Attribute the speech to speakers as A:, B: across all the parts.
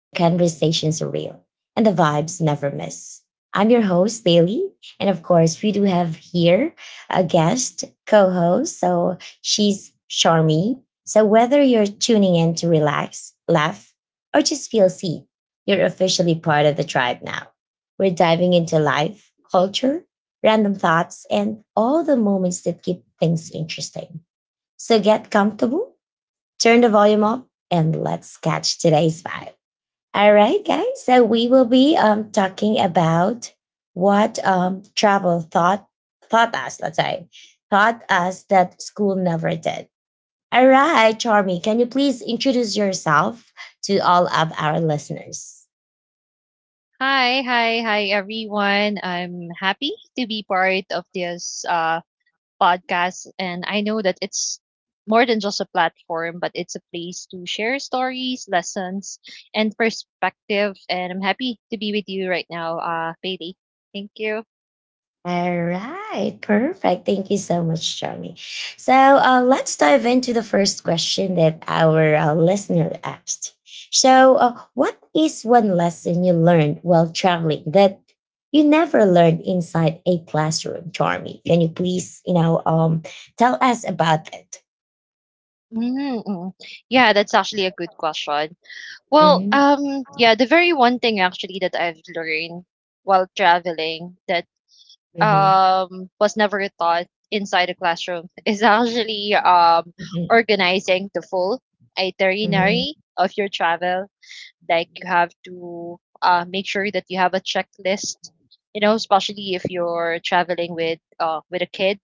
A: the conversations are real, and the vibes never miss. I'm your host, Bailey. And of course, we do have here a guest co host. So she's Charmy. So whether you're tuning in to relax, laugh, or just feel seen, you're officially part of the tribe now. We're diving into life, culture, random thoughts, and all the moments that keep things interesting. So get comfortable, turn the volume up, and let's catch today's vibe. All right, guys. So we will be talking about what travel thought taught us. Let's say taught us that school never did. All right, Charmy, can you please introduce yourself to all of our listeners?
B: Hi,
A: mm
B: hi, hi, everyone. I'm happy to be part of this podcast. And I know that it's more than just a platform, but it's a place to share stories, lessons, and perspective. And I'm happy to be with you right now, Bailey. Thank you.
A: All right, perfect. Thank you so much, Johnny. So let's dive into the first question that our listener asked. So, what is one lesson you learned while traveling that you never learned inside a classroom, Charmy? Can you please, tell us about it?
B: Mm. Yeah, that's actually a good question. Well,
A: Mhm,
B: yeah, the very one thing actually that I've learned while traveling that
A: mhm,
B: was never taught inside the classroom is actually
A: mhm,
B: organizing the full
A: mhm,
B: itinerary of your travel. Like you have to make sure that you have a checklist, you know, especially if you're traveling with with a kid,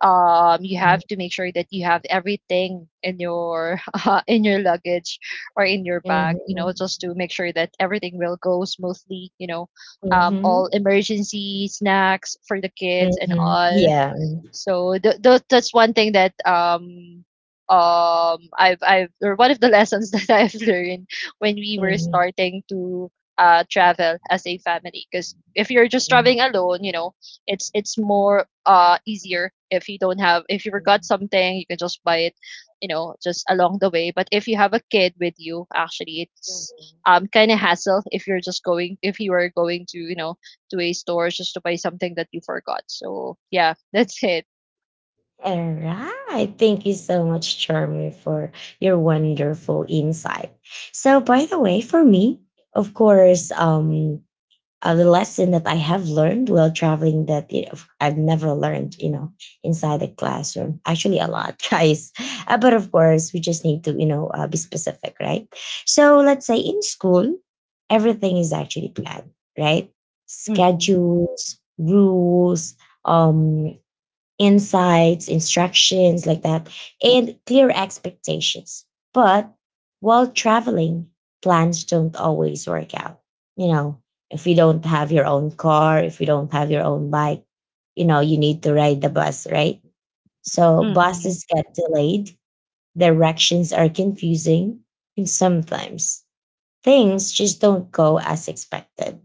B: you have to make sure that you have everything in your in your luggage or in your bag,
A: mhm,
B: you know
A: mhm,
B: just to make sure that everything will go smoothly. All
A: mhm,
B: emergency snacks for the kids and
A: mhm.
B: all.
A: Yeah.
B: So that's one thing that I've or one of the lessons that I've learned when we were
A: Mhm,
B: starting to travel as a family. Because if you're just
A: mhm,
B: traveling alone, it's more easier. If you don't have if you forgot something, you can just buy it, just along the way. But if you have a kid with you, actually it's
A: mhm.
B: kind of hassle if you're just going if you are going to, you know, to a store just to buy something that you forgot. So yeah, that's it.
A: All right. Thank you so much, Charmy, for your wonderful insight. So, by the way, for me, of course, the lesson that I have learned while traveling that I've never learned, inside the classroom. Actually, a lot, guys. But of course, we just need to, be specific, right? So, let's say in school, everything is actually planned, right?
B: Mm, mm,
A: Schedules, rules, um insights, instructions like that, and clear expectations. But while traveling, plans don't always work out. You know, if you don't have your own car, if you don't have your own bike, you know, you need to ride the bus, right? So buses get delayed, directions are confusing, and sometimes things just don't go as expected.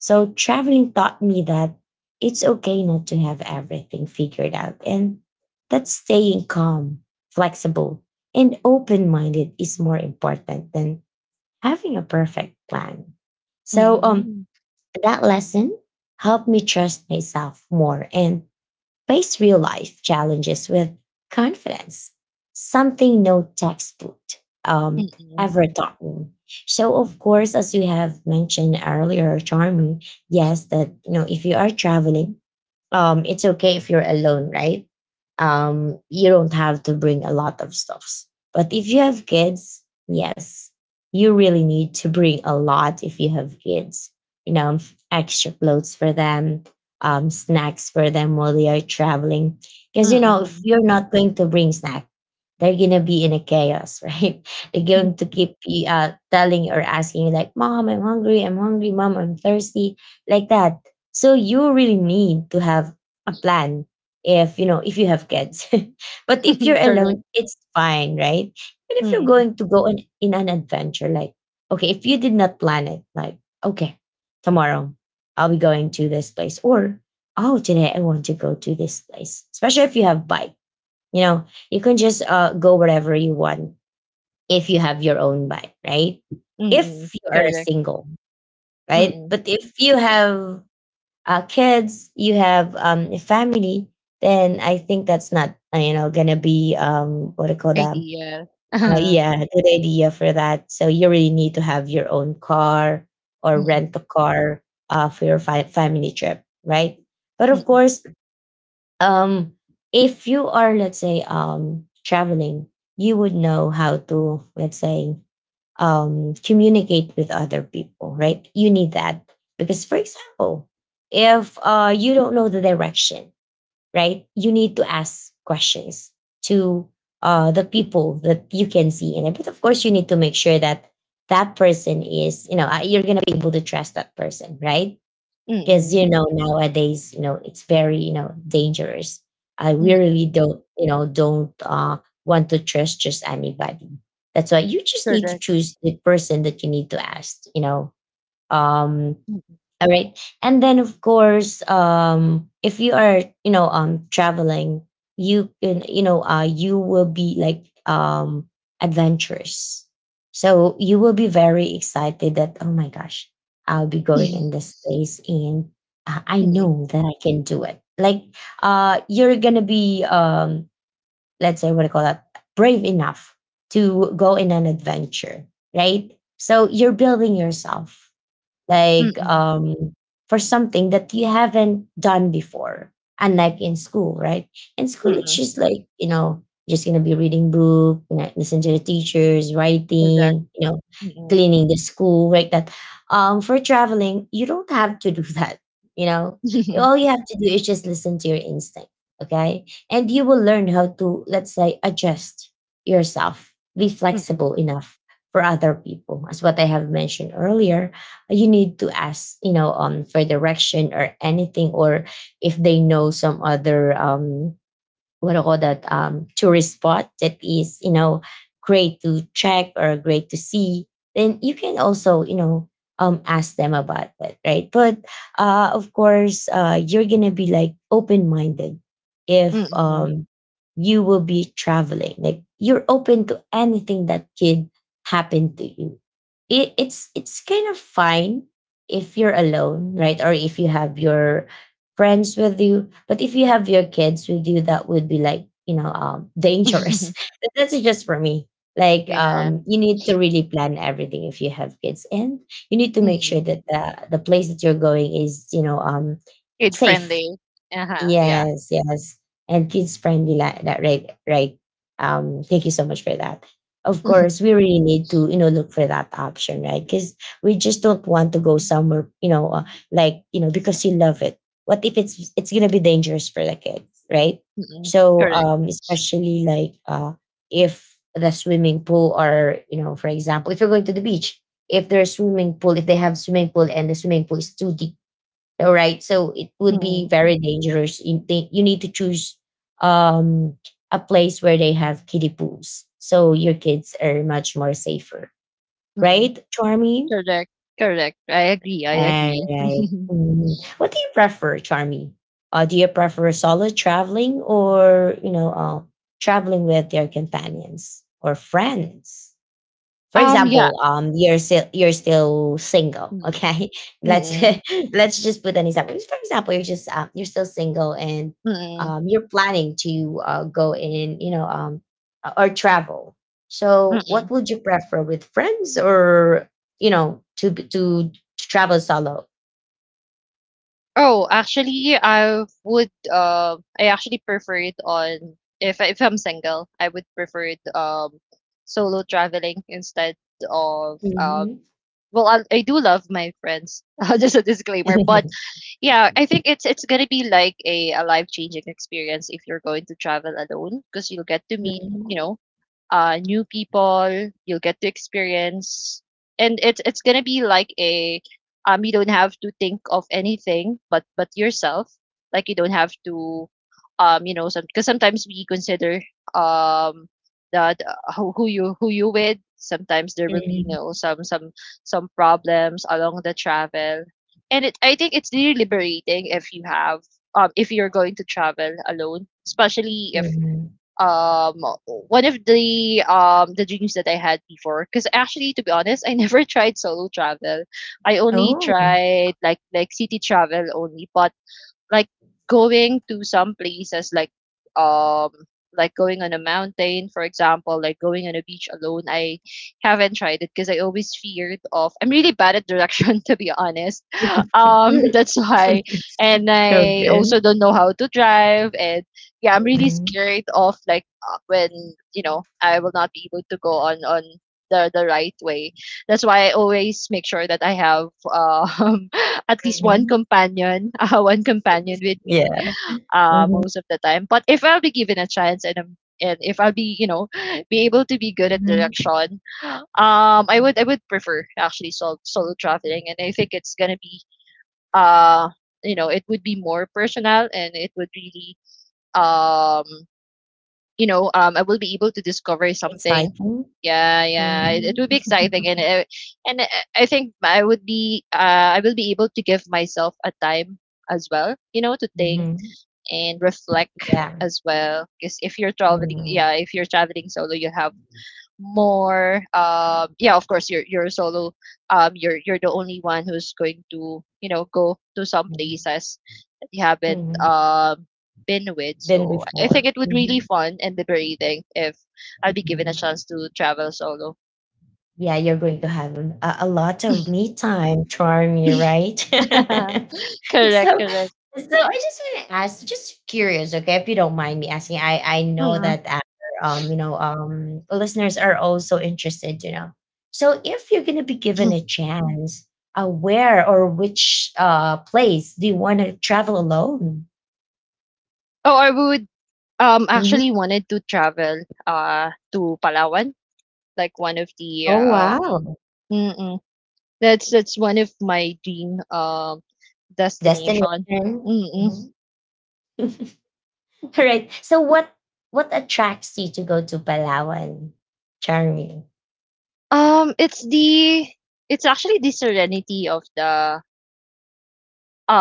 A: So traveling taught me that it's okay not to have everything figured out, and that staying calm, flexible, and open minded is more important than having a perfect plan. So
B: mm,
A: that lesson helped me trust myself more and face real life challenges with confidence, something no textbook um,
B: mm,
A: ever taught me. So, of course, as you have mentioned earlier, Charmy, yes, that you know, if you are traveling, it's okay if you're alone, right? You don't have to bring a lot of stuffs. But if you have kids, yes, you really need to bring a lot if you have kids. You know, extra clothes for them, snacks for them while they are traveling. Because you know, if
B: mm.
A: you're not going to bring snack, they're gonna be in a chaos, right? They're going to keep you, telling or asking you like, "Mom, I'm hungry. I'm hungry. Mom, I'm thirsty." Like that, so you really need to have a plan if you know if you have kids. But if you're
B: Correct.
A: alone it's fine, right? But if you're
B: Mm,
A: going to go on, in an adventure, like okay if you did not plan it, like okay tomorrow I'll be going to this place, or oh today I want to go to this place, especially if you have bike, you know, you can just go wherever you want if you have your own bike, right?
B: mm.
A: If you are
B: Correct.
A: single, right?
B: Mm.
A: But if you have kids, you have a family, then I think that's not you know gonna be what do you call that?
B: Ideal.
A: Yeah, good idea for that. So you really need to have your own car or
B: Mm,
A: rent a car for your family trip, right? But of
B: mm,
A: course, um, if you are let's say traveling, you would know how to let's say communicate with other people, right? You need that because, for example, if you don't know the direction, right, you need to ask questions to the people that you can see in it. But of course, you need to make sure that that person is, you're going to be able to trust that person, right? Because
B: mm,
A: you know nowadays you know it's very, you know, dangerous. I we really
B: mm.
A: don't, you know, don't uh, want to trust just anybody. That's why you just need to
B: Correct.
A: choose the person that you need to ask, you know. um
B: Mm,
A: all right, and then of course um, if you are, you know, um, traveling, you can, you know, uh, you will be like um, adventurous. So you will be very excited that oh my gosh, I'll be going in this place and I
B: mm,
A: know that I can do it, like you're gonna be um, let's say what I call that, brave enough to go in an adventure, right? So you're building yourself
B: mm,
A: like
B: mm.
A: um, for something that you haven't done before, unlike in school, right? In school it's just like you know, just gonna be reading book, you know, listen to the teachers
B: Correct.
A: writing, you know,
B: Mm,
A: cleaning the school like that. Um, for traveling you don't have to do that, you know. All you have to do is just listen to your instinct, okay, and you will learn how to let's say adjust yourself, be
B: mm,
A: flexible enough for other people, as what I have mentioned earlier, you need to ask, you know, um, for direction or anything, or if they know some other um, what do you call that, tourist spot that is, you know, great to check or great to see, then you can also, you know, um, ask them about it, right? But of course uh, you're gonna be like open-minded if
B: mm.
A: um, you will be traveling like you're open to anything that could happen to you. It's kind of fine if you're alone, right, or if you have your friends with you. But if you have your kids with you, that would be like, you know, dangerous. But that's just for me. Like,
B: Yeah.
A: you need to really plan everything if you have kids, and you need to make sure
B: Mm.
A: that the place that you're going is, you know,
B: Kid
A: safe.
B: friendly. Uh-huh. Yeah.
A: Yes, yes. And kids friendly like that, right? Right. Thank you so much for that. Of course, we really need to, you know, look for that option, right? Because we just don't want to go somewhere, you know, like, you know, because you love it. What if it's gonna be dangerous for the kids, right?
B: Mm.
A: So
B: Correct.
A: um, especially like uh, if the swimming pool or you know, for example, if you're going to the beach, if there's swimming pool, if they have swimming pool and the swimming pool is too deep, all right, so it would be
B: Mm.
A: very dangerous, you think you need to choose um, a place where they have kiddie pools so your kids are much more safer,
B: Mm.
A: right, Charmy?
B: Correct. Correct. I agree. I
A: All
B: agree.
A: right. Mm. What do you prefer, Charmy? Uh, do you prefer solo traveling or you know traveling with your companions or friends? For
B: Yeah.
A: example, you're still single.
B: Mhm,
A: Okay, let's
B: mm,
A: let's just put an example. For example, you're just you're still single and
B: mm,
A: you're planning to go in, you know, or travel. So,
B: mm.
A: what would you prefer, with friends or you know to to travel solo?
B: Oh, actually, I would, I actually prefer it on. If I if I'm single, I would prefer it, solo traveling instead of,
A: Mhm.
B: well, I do love my friends, just a disclaimer. But yeah, I think it's gonna be like a life-changing experience if you're going to travel alone, because you'll get to meet,
A: Mhm.
B: you know, new people. You'll get to experience, and it's gonna be like a you don't have to think of anything but yourself. Like you don't have to, some, because sometimes we consider um that who you with. Sometimes there will be
A: Mhm.
B: some problems along the travel, and it I think it's really liberating if you have if you're going to travel alone, especially if
A: Mhm.
B: um one of the the dreams that I had before. Because actually, to be honest, I never tried solo travel. I only
A: Oh,
B: tried like city travel only. But like going to some places like um like going on a mountain, for example, like going on a beach alone. I haven't tried it because I always feared of I'm really bad at direction, to be honest. That's why. And I
A: okay.
B: also don't know how to drive, and yeah, I'm really
A: Mhm.
B: scared of like when I will not be able to go on the right way. That's why I always make sure that I have at least one
A: Mhm.
B: companion, one companion with me,
A: Yeah. Mhm.
B: most of the time. But if I'll be given a chance, and I'm and if I'll be, be able to be good at direction, I would prefer actually solo traveling, and I think it's gonna be uh, it would be more personal, and it would really um I will be able to discover something.
A: Exciting.
B: Yeah, yeah, it
A: Mhm,
B: will be exciting, and I think I will be able to give myself a time as well, to think
A: mhm.
B: and reflect
A: Yeah.
B: as well. Because if you're traveling,
A: Mhm,
B: yeah, if you're traveling solo, you have more. Yeah, of course, you're solo. You're the only one who's going to go to some
A: mhm,
B: places we haven't
A: mhm.
B: been with.
A: Been
B: So I think
A: before.
B: it would really
A: Mhm,
B: fun and liberating if I'll be given a
A: mhm.
B: chance to travel solo.
A: Yeah, you're going to have a lot of me time, Charmy, right? So,
B: Correct, correct.
A: so I just want to ask, just curious, okay, if you don't mind me asking, I know
B: Mm.
A: that our um, you know, um, listeners are also interested, you know. So, if you're gonna be given a chance, where or which place do you want to travel alone?
B: Oh, I would actually wanted to travel to Palawan, like one of the
A: Oh, wow.
B: mm-mm. That's one of my dream destination.
A: Destination.
B: Mm-mm.
A: Mhm. All right. So what attracts you to go to Palawan, Charmy?
B: Um, it's the it's actually the serenity of the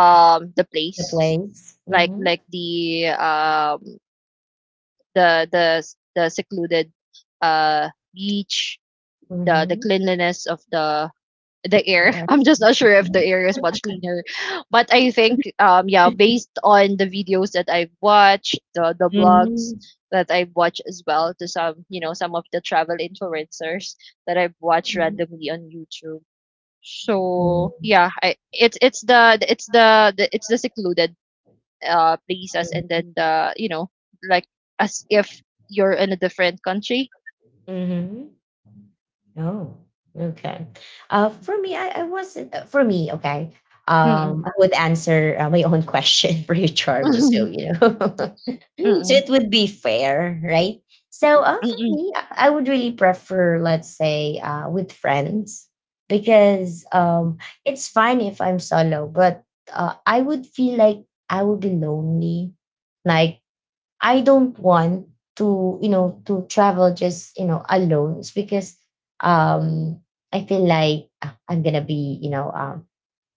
A: Mhm.
B: the
A: The
B: place.
A: place.
B: Like
A: Mm-hmm.
B: the the secluded beach, the
A: Mm-hmm.
B: cleanliness of the air.
A: There.
B: I'm just not sure if the
A: Mm-hmm.
B: air is much cleaner, but I think yeah, based on the videos that I've watched, the
A: Mm-hmm.
B: blogs that I've watched as well, to some you know some of the travel influencers that I've watched randomly on YouTube. So
A: Mm-hmm.
B: yeah, I it's the secluded places, and then the like, as if you're in a different country.
A: Mm-hmm. Oh, okay. For me, I wasn't. Uh, for me, okay. I
B: Mm-mm.
A: would answer my own question for you, Charmy. So
B: Mm-mm.
A: you know, so it would be fair, right? So for
B: Mm-mm.
A: me, I would really prefer, let's say, with friends because it's fine if I'm solo, but I would feel like I would be lonely, like I don't want to, you know, to travel just, you know, alone. It's because um I feel like, I'm gonna be,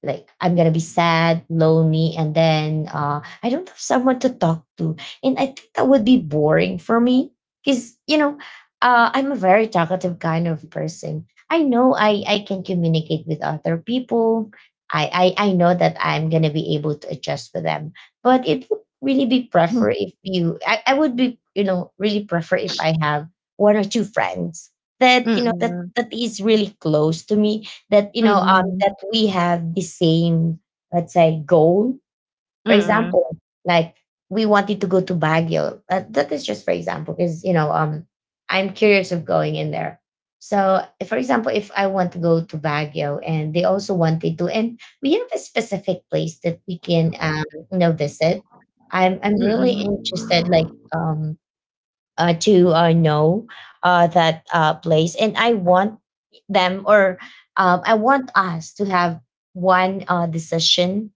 A: like, I'm gonna be sad, lonely, and then I don't have someone to talk to, and I think that would be boring for me because, I'm a very talkative kind of person. I know I can communicate with other people. I know that I'm gonna be able to adjust with them, but it would really be prefer if I would be, really prefer if I have one or two friends that, that
B: Mm-mm.
A: that is really close to me, that
B: Mm-mm.
A: that we have the same, let's say, goal. For
B: Mm-mm.
A: example, like, we wanted to go to Baguio. That is just for example because, I'm curious of going in there. So, for example, if I want to go to Baguio and they also wanted to, and we have a specific place that we can, visit. I'm
B: Mm-mm.
A: really interested, like, to know that place. And I want them, or I want us to have one decision.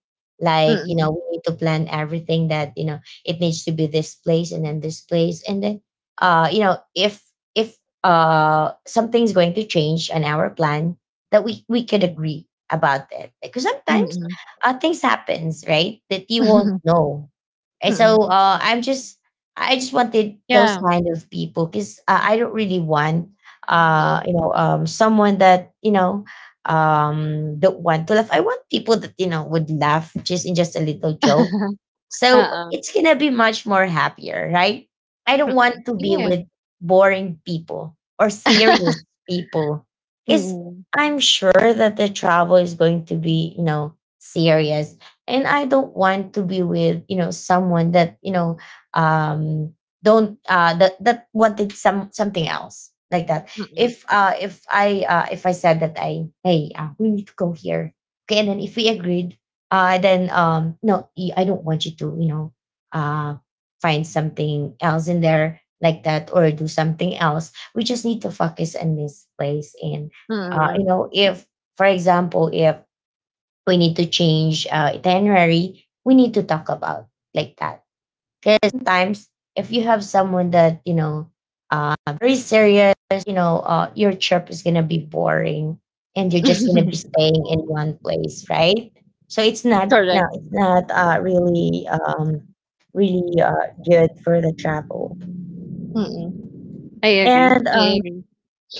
B: Mm-mm.
A: Like,
B: Mm-mm.
A: we need to plan everything, that, it needs to be this place and then this place. And then, if, if, something's going to change on our plan, that we could agree about it, because sometimes
B: Mm-mm.
A: things happens, right, that you won't know. And so
B: Mm-mm.
A: I just wanted those
B: Yeah.
A: kind of people because, I don't really want,
B: Mm-mm.
A: someone that, don't want to laugh. I want people that, would laugh just in just a little joke. So
B: Uh-uh.
A: it's gonna be much more happier, right? I don't
B: Mm-mm.
A: want to be
B: Yeah.
A: with boring people or serious people. Is
B: Mm-mm.
A: I'm sure that the travel is going to be, serious. And I don't want to be with, someone that, um don't that wanted something else, like that.
B: Mm-mm.
A: If I said that, I hey, we need to go here, okay, and then if we agreed, then, I don't want you to, uh find something else in there, like that, or do something else. We just need to focus on this place. And
B: Mm-mm.
A: if, for example, if we need to change itinerary, we need to talk about, like that, because sometimes, if you have someone that, very serious, your trip is gonna be boring, and you're just gonna be staying in one place, right? So it's not, no,
B: Correct.
A: it's not really good for the travel.
B: Mm-mm. I agree.
A: And
B: I agree.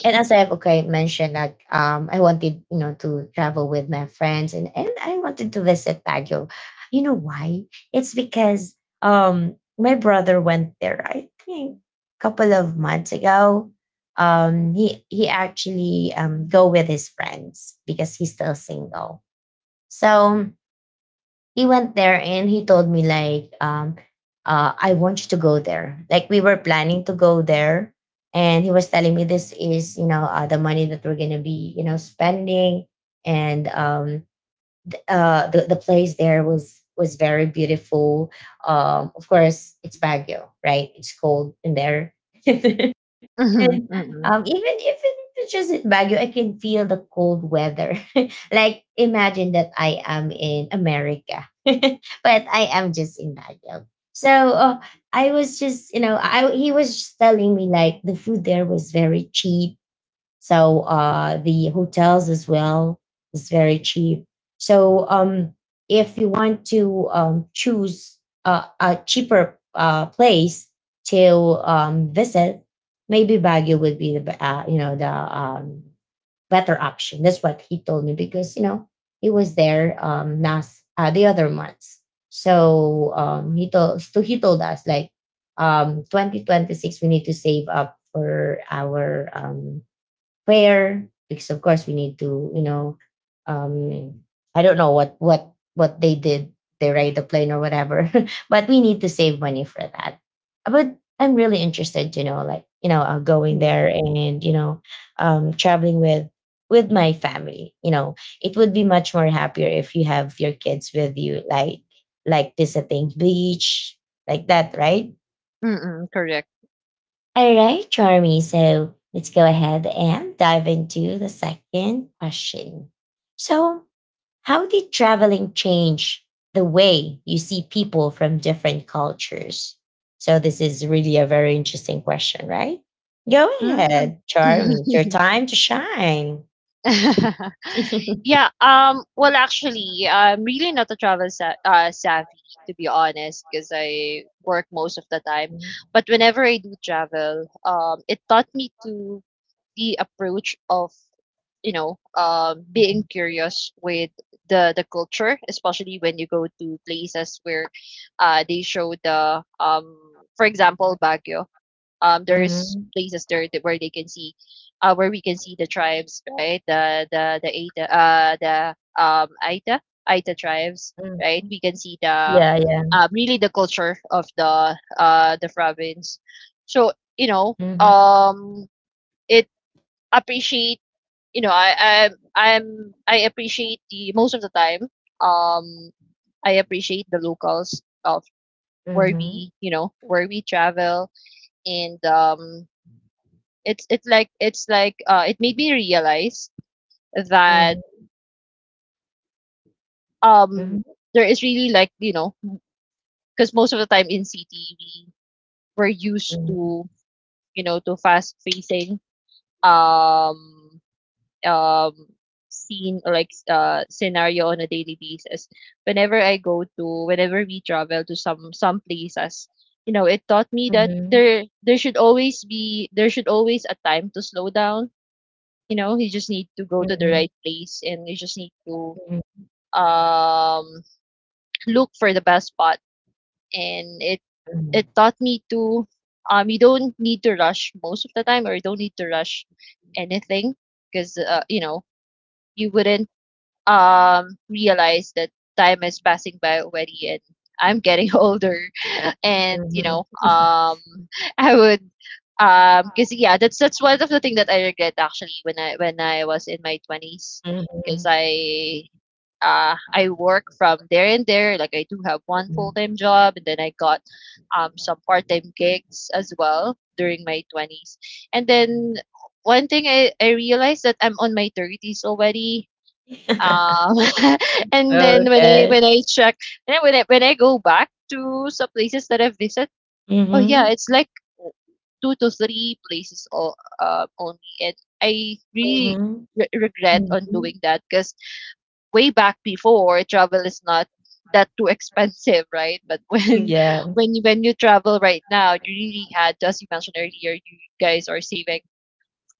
A: as I've mentioned, that, I wanted, to travel with my friends, and I wanted to visit Baguio. You know why? It's because, my brother went there, I think a couple of months ago. He actually go with his friends because he's still single. So he went there, and he told me, like, I want you to go there, like, we were planning to go there. And he was telling me, this is, the money that we're gonna be, spending. And the place there was very beautiful. Of course, it's Baguio, right, it's cold in there. And,
B: Mm-mm.
A: even if it's just in Baguio, I can feel the cold weather. Like, imagine that I am in America, but I am just in Baguio. So, I was just, you know, I he was just telling me, like, the food there was very cheap, so the hotels as well is very cheap. So, if you want to, choose a cheaper place to, visit, maybe Baguio would be the better option. That's what he told me, because, he was there, last the other months. So, he told us, like, 2026, we need to save up for our, prayer, because of course we need to, um I don't know what they did. They ride the plane or whatever, but we need to save money for that. But I'm really interested, like, going there,
B: Mm-mm.
A: and, traveling with my family, it would be much more happier if you have your kids with you, like, visiting beach, like that, right.
B: Mm-mm. Correct.
A: All right, Charmy. So let's go ahead and dive into the second question. So, how did traveling change the way you see people from different cultures? So, this is really a very interesting question, right? Go
B: Mm.
A: ahead, Charmy. It's your time to shine.
B: Yeah, well, actually, I'm really not a travel sa savvy, to be honest, because I work most of the time. But whenever I do travel, it taught me to the approach of, being curious with the culture, especially when you go to places where, they show the, for example, Baguio. There's
A: Mhm,
B: places there that where they can see where we can see the tribes, right? The Aita, the um Aita Aita tribes.
A: mhm.
B: Right, we can see the
A: Yeah, yeah.
B: really the culture of the the province. So
A: Mhm,
B: it appreciate you know I I'm I appreciate, the most of the time, um I appreciate the locals of where
A: mhm,
B: we, where we travel. And it made me realize that
A: mhm,
B: um
A: mhm,
B: there is really, like, you know, because most of the time in city we're used
A: mhm,
B: to, fast facing um um scene or scenario on a daily basis. Whenever we travel to some places, you know, it taught me that
A: mhm,
B: there should always be there should always a time to slow down. You know, you just need to go to the
A: mhm,
B: right place, and you just need to
A: mhm,
B: um look for the best spot. And it
A: mhm.
B: it taught me to you don't need to rush most of the time, or you don't need to rush anything, because you wouldn't realize that time is passing by already, and I'm getting older, and
A: Mhm.
B: um I would because yeah, that's one of the thing that I regret actually, when i was in my 20s. Because
A: Mhm.
B: I work from there and there, like I do have one
A: Mhm.
B: full-time job, and then I got some part-time gigs as well during my 20s. And then one thing i realized that I'm on my 30s already. um and then
A: Okay.
B: when I check, and then when when I go back to some places that I've visited. Oh yeah,
A: Mhm,
B: it's like two to three places only, and I really
A: mhm,
B: regret on
A: mhm.
B: doing that, because way back before, travel is not that too expensive, right? But when
A: Yeah.
B: when you- when you travel right now, you really had, as you mentioned earlier, you guys are saving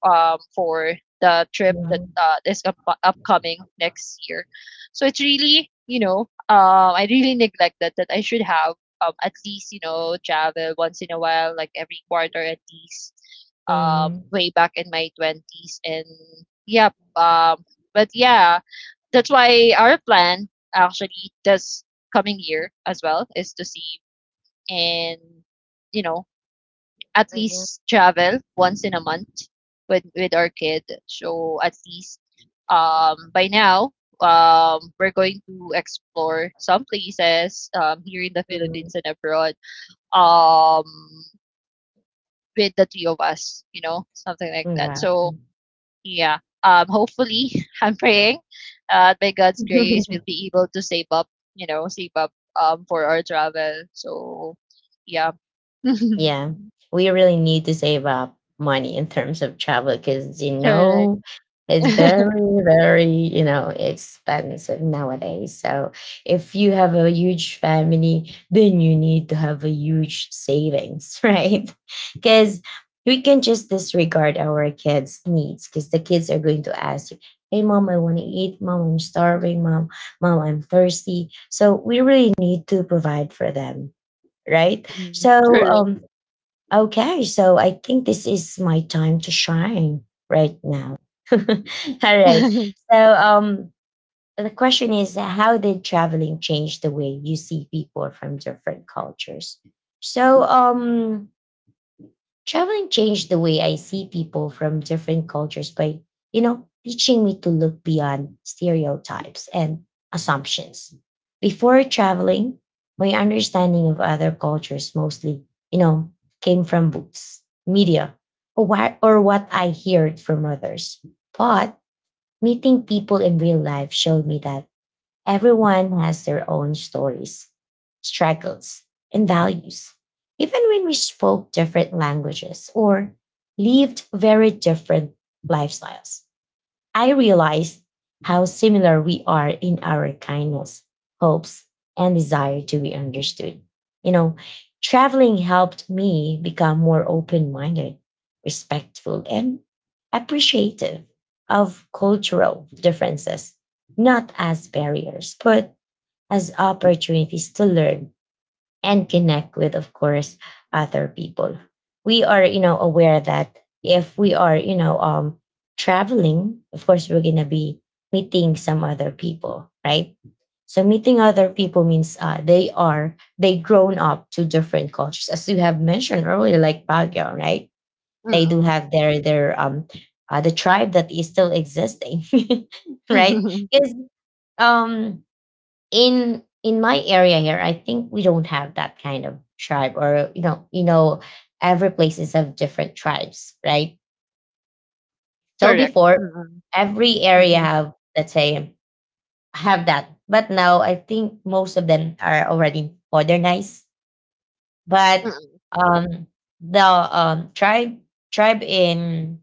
B: for the trip that
A: Mhm.
B: is upcoming next year. So it's really, I really neglected that I should have, at least, you know, travel once in a while, like every quarter at least,
A: Mhm.
B: way back in my 20s. And yep. But yeah, that's why our plan actually this coming year as well is to see and, you know, at
A: Mhm.
B: least travel once in a month with our kid. So at least by now we're going to explore some places here in the
A: Mhm.
B: Philippines and abroad um with the two of us, something like
A: Mhm.
B: that.
A: Wow.
B: So yeah. Hopefully I'm praying by God's grace we'll be able to save up for our travel. So yeah.
A: Yeah, we really need to save up money in terms of travel, because,
B: Correct.
A: it's very, very, expensive nowadays. So if you have a huge family, then you need to have a huge savings, right? Because we can just disregard our kids' needs, because the kids are going to ask you, "Hey, mom, I want to eat. Mom, I'm starving. Mom, I'm thirsty." So we really need to provide for them, right?
B: Mm-mm.
A: So,
B: Correct.
A: um, okay, so I think this is my time to shine right now. All right. So, the question is, how did traveling change the way you see people from different cultures? So, traveling changed the way I see people from different cultures by, teaching me to look beyond stereotypes and assumptions. Before traveling, my understanding of other cultures mostly, you know, came from books, media, or what I heard from others. But meeting people in real life showed me that everyone has their own stories, struggles, and values. Even when we spoke different languages or lived very different lifestyles, I realized how similar we are in our kindness, hopes, and desire to be understood. You know, Traveling helped me become more open minded, respectful, and appreciative of cultural differences, not as barriers, but as opportunities to learn and connect with, of course, other people. We are, aware that if we are, traveling, of course, we're going to be meeting some other people, right? So meeting other people means, they grown up to different cultures, as you have mentioned earlier, like Baguio, right? They do
B: Mm.
A: have their the tribe that is still existing, right? Because um in my area here, I think we don't have that kind of tribe, or every places have different tribes, right. So
B: Correct.
A: before,
B: Mm,
A: every area
B: mm,
A: have, let's say, have that, but now I think most of them are already modernized. But,
B: mm,
A: um, the tribe in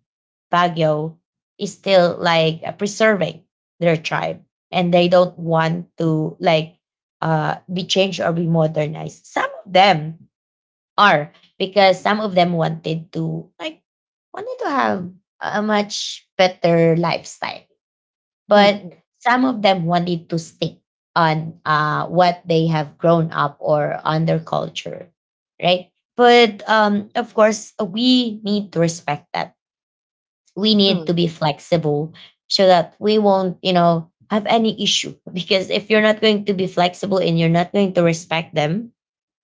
A: Baguio is still, like, preserving their tribe, and they don't want to, like, be changed or be modernized. Are some of them wanted to, like, wanted to have a much better lifestyle, but
B: mm,
A: some of them wanted to stick on, what they have grown up, or on their culture, right. But, of course we need to respect that. We need to
B: mm,
A: be flexible, so that we won't, have any issue. Because if you're not going to be flexible and you're not going to respect them,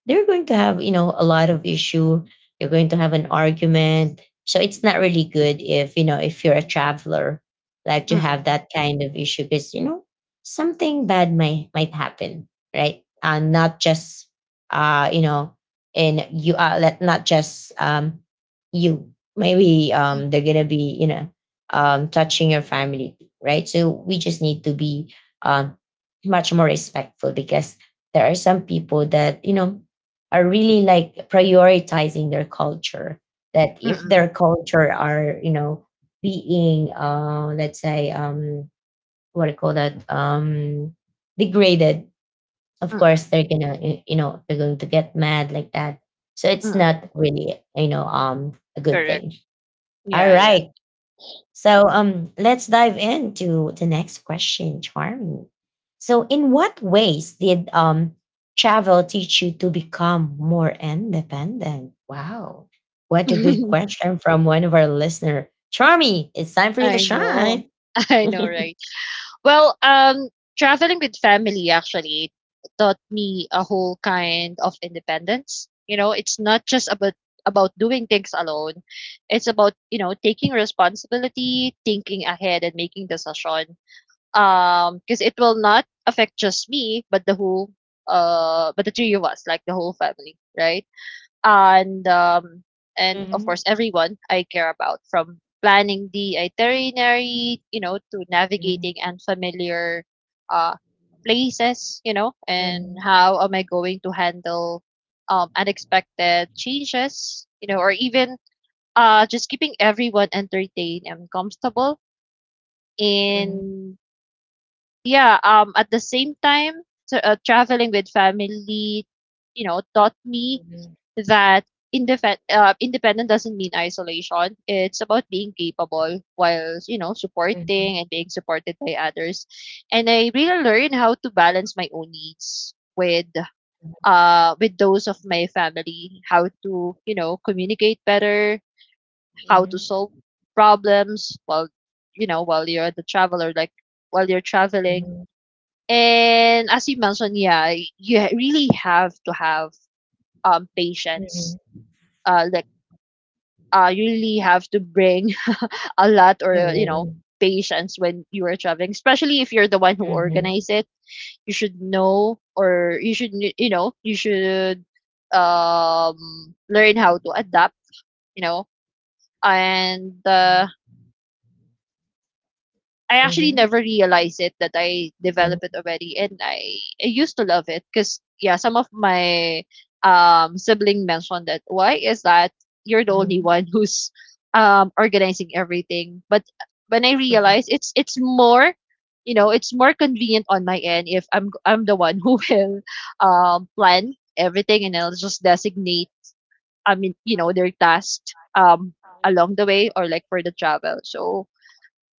A: they're going to have, a lot of issue. You're going to have an argument. So it's not really good if, if you're a traveler, like, to have
B: mm,
A: that kind of issue, because, something bad might happen, right. And not just, uh you know and you are let not just you, maybe they're gonna be, touching your family, right. So we just need to be, um much more respectful, because there are some people that, are really like prioritizing their culture, that if
B: mm,
A: their culture are, being let's say, what do you call that, degraded, of course
B: mm,
A: they're going to get mad, like that. So it's not
B: mm.
A: really, a good
B: Correct.
A: thing. All
B: Yeah, yeah.
A: right. So, let's dive into the next question, Charmy. So, in what ways did, travel teach you to become more independent? Wow, what a good question from one of our listener, Charmy. It's time for you to
B: I know.
A: shine.
B: I know, right? Well, traveling with family actually taught me a whole kind of independence. You know, it's not just about doing things alone. It's about, you know, taking responsibility, thinking ahead and making decisions. Because it will not affect just me, but the whole but the three of us, like the whole family, right? And um and of course
A: Mhm,
B: everyone I care about, from planning the itinerary, you know, to
A: mhm,
B: navigating unfamiliar uh places, you know, and
A: mhm,
B: how am I going to handle unexpected changes, you know, or even just keeping everyone entertained and comfortable
A: mhm,
B: in, yeah, at the same time, t traveling with family, you know, taught me
A: mhm,
B: that independent doesn't mean isolation. It's about being capable while, you know, supporting and being supported by others. And I really learned how to balance my own needs with those of my family, how to, you know, communicate better,
A: mhm,
B: how to solve
A: mhm,
B: problems while, you know, while you're the traveler, like while you're traveling.
A: mhm,
B: And as you mentioned, yeah, really have to have
A: mhm,
B: patience.
A: mhm,
B: Uh, like you really have to bring a lot or you know
A: mhm,
B: patience when you are traveling, especially if you're the one who organize it. You should know, or you know you should learn how to adapt. You know, and I actually
A: mhm,
B: never realized it that I developed it already, and I used to love it because, yeah, some of my sibling mentioned that why is that you're the
A: mhm,
B: only
A: mhm,
B: one who's organizing everything, but when I
A: mhm.
B: realized it's more, you know, it's more convenient on my end if I'm the one who will plan everything, and I'll just designate, I mean, you know, their tasks along the way or like for the travel. So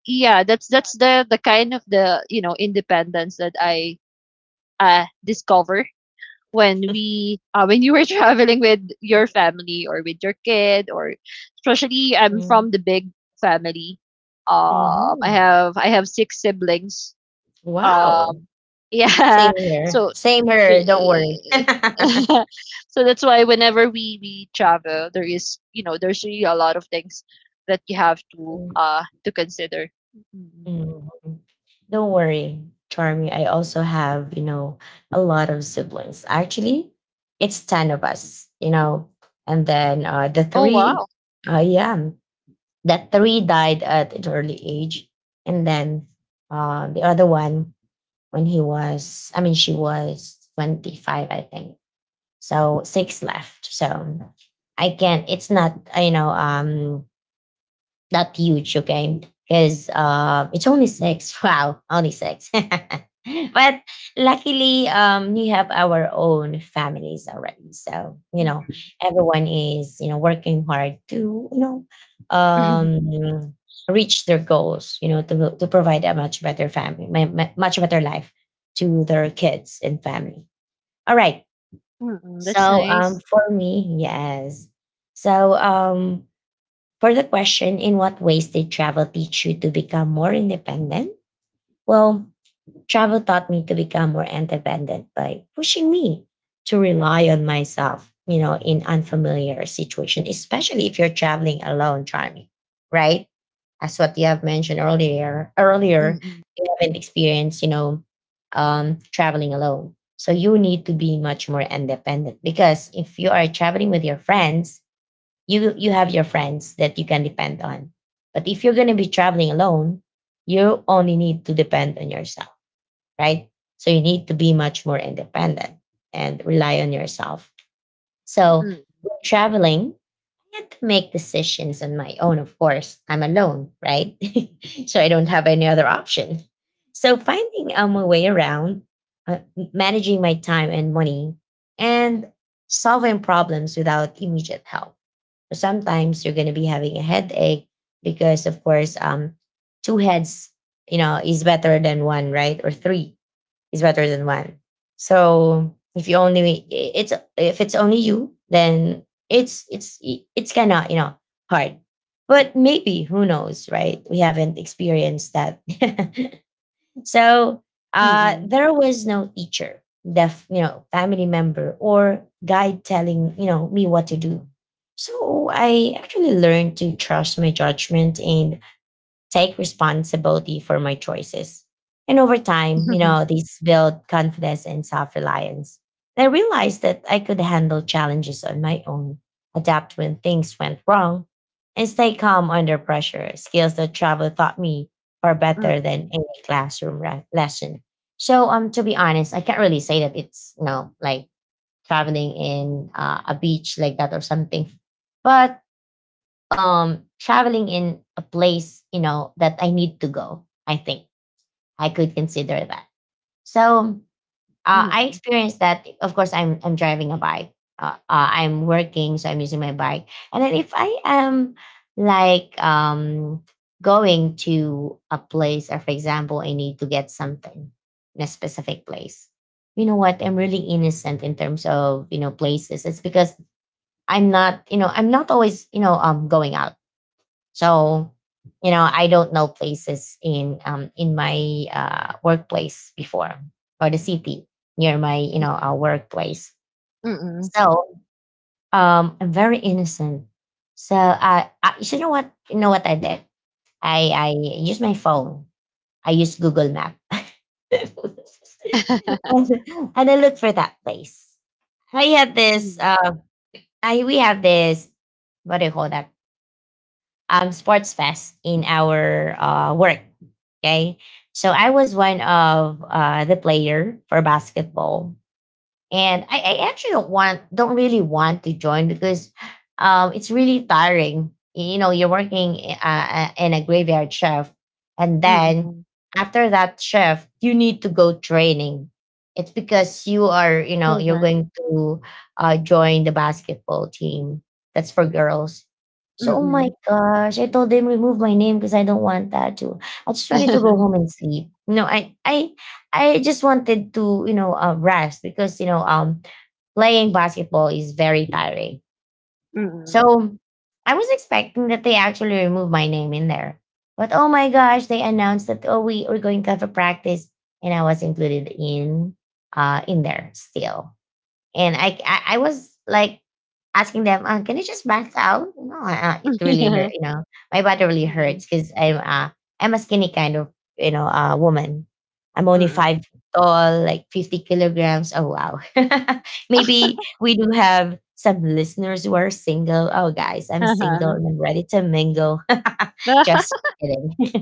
B: yeah, that's the kind of the, you know, independence that I discover when we when you were traveling with your family or with your kid, or especially I'm
A: Mm,
B: from the big family. I
A: mhm.
B: have I have six siblings.
A: Wow.
B: um
A: Same
B: yeah
A: here.
B: so
A: Same here. Don't worry.
B: eh, so that's why whenever we travel there is, you know, there's really a lot of things that you have
A: Mm,
B: to consider. Mhm.
A: mhm. Don't worry, Charmy. I also have, a lot of siblings. Actually, it's 10 of us. And then the
B: Oh
A: three,
B: wow.
A: yeah, that three died at an early age. And then the other one, when he was, I mean, she was 25, I think. So six left. So I can't. It's not that huge, okay, because it's only six. Wow, only six. But luckily, we have our own families already. So
B: Mm.
A: everyone is working hard to um reach their goals. To provide a much better family, much better life to their kids and family. All right.
B: Mm, that's
A: So
B: nice.
A: for me, yes. So for the question, in what ways did travel teach you to become more independent? Well, travel taught me to become more independent by pushing me to rely on myself, you know, in unfamiliar situation, especially if you're traveling alone, Charmy, right? As what you have mentioned earlier,
B: Mm,
A: you haven't experienced, you know, traveling alone. So you need to be much more independent because if you are traveling with your friends, you have your friends that you can depend on. But if you're gonna be traveling alone, you only need to depend on yourself, right? So you need to be much more independent and rely on yourself. So
B: mm,
A: when traveling, I had to make decisions on my own. Of course, I'm alone, right? So I don't have any other option. So finding my way around, uh, managing my time and money, and solving problems without immediate help. So sometimes you're going to be having a headache because, of course, two heads, you know, is better than one, right? Or three is better than one. So if you only it's if it's only you, then it's kind of, you know, hard. But maybe who knows, right? We haven't experienced that. So
B: mm, mm.
A: there was no teacher, deaf, you know, family member or guide telling, you know, me what to do. So I actually learned to trust my judgment and take responsibility for my choices. And over time, you know, these build confidence and self reliance. And I realized that I could handle challenges on my own, adapt when things went wrong, and stay calm under pressure. Skills that travel taught me are better than
B: Mm,
A: any classroom lesson. So, to be honest, I can't really say that it's, you know, like traveling in a beach like that or something. But traveling in a place, you know, that I need to go, I think I could consider that. So
B: mm,
A: I experienced that. Of course, I'm driving a bike. I'm working, so I'm using my bike. And then if I am like going to a place, or for example, I need to get something in a specific place. You know what, I'm really innocent in terms of, you know, places. It's because I'm not, you know, I'm not always, you know, going out. So, you know, I don't know places in my workplace before, or the city near my, you know, workplace. So, I'm very innocent. So, I, you know what? You know what I did? I used my phone. I used Google Map. and and I looked for that place. I had this
B: mm.
A: I, we have this, what do you call that, sports fest in our work. Okay. So I was one of the player for basketball. And I actually don't really want to join because it's really tiring, you know. You're working, in a graveyard shift, and
B: Mm,
A: then
B: mm.
A: after that shift you need to go training. It's because you are, you know, you're
B: Correct.
A: going to join the basketball team that's for girls. So oh my
B: Mm.
A: gosh, I told them remove my name because I don't want that to I just wanted to go home and sleep no I I just wanted to, you know, rest because, you know, playing basketball is very tiring.
B: Mm.
A: So I was expecting that they actually remove my name in there. But oh my gosh, they announced that, oh, we're going to have a practice. And I was included in there still. And I was like asking them, "Can you just back out?" No, it really
B: Yeah.
A: hurt. You know, my body really
B: Mm,
A: hurts because I'm a skinny kind of, you know, woman. I'm only
B: mm.
A: five tall, like 50 kilograms. Oh wow! Maybe we do have some listeners who are single. Oh guys, I'm single
B: Uh-huh.
A: and I'm ready to mingle. Just kidding.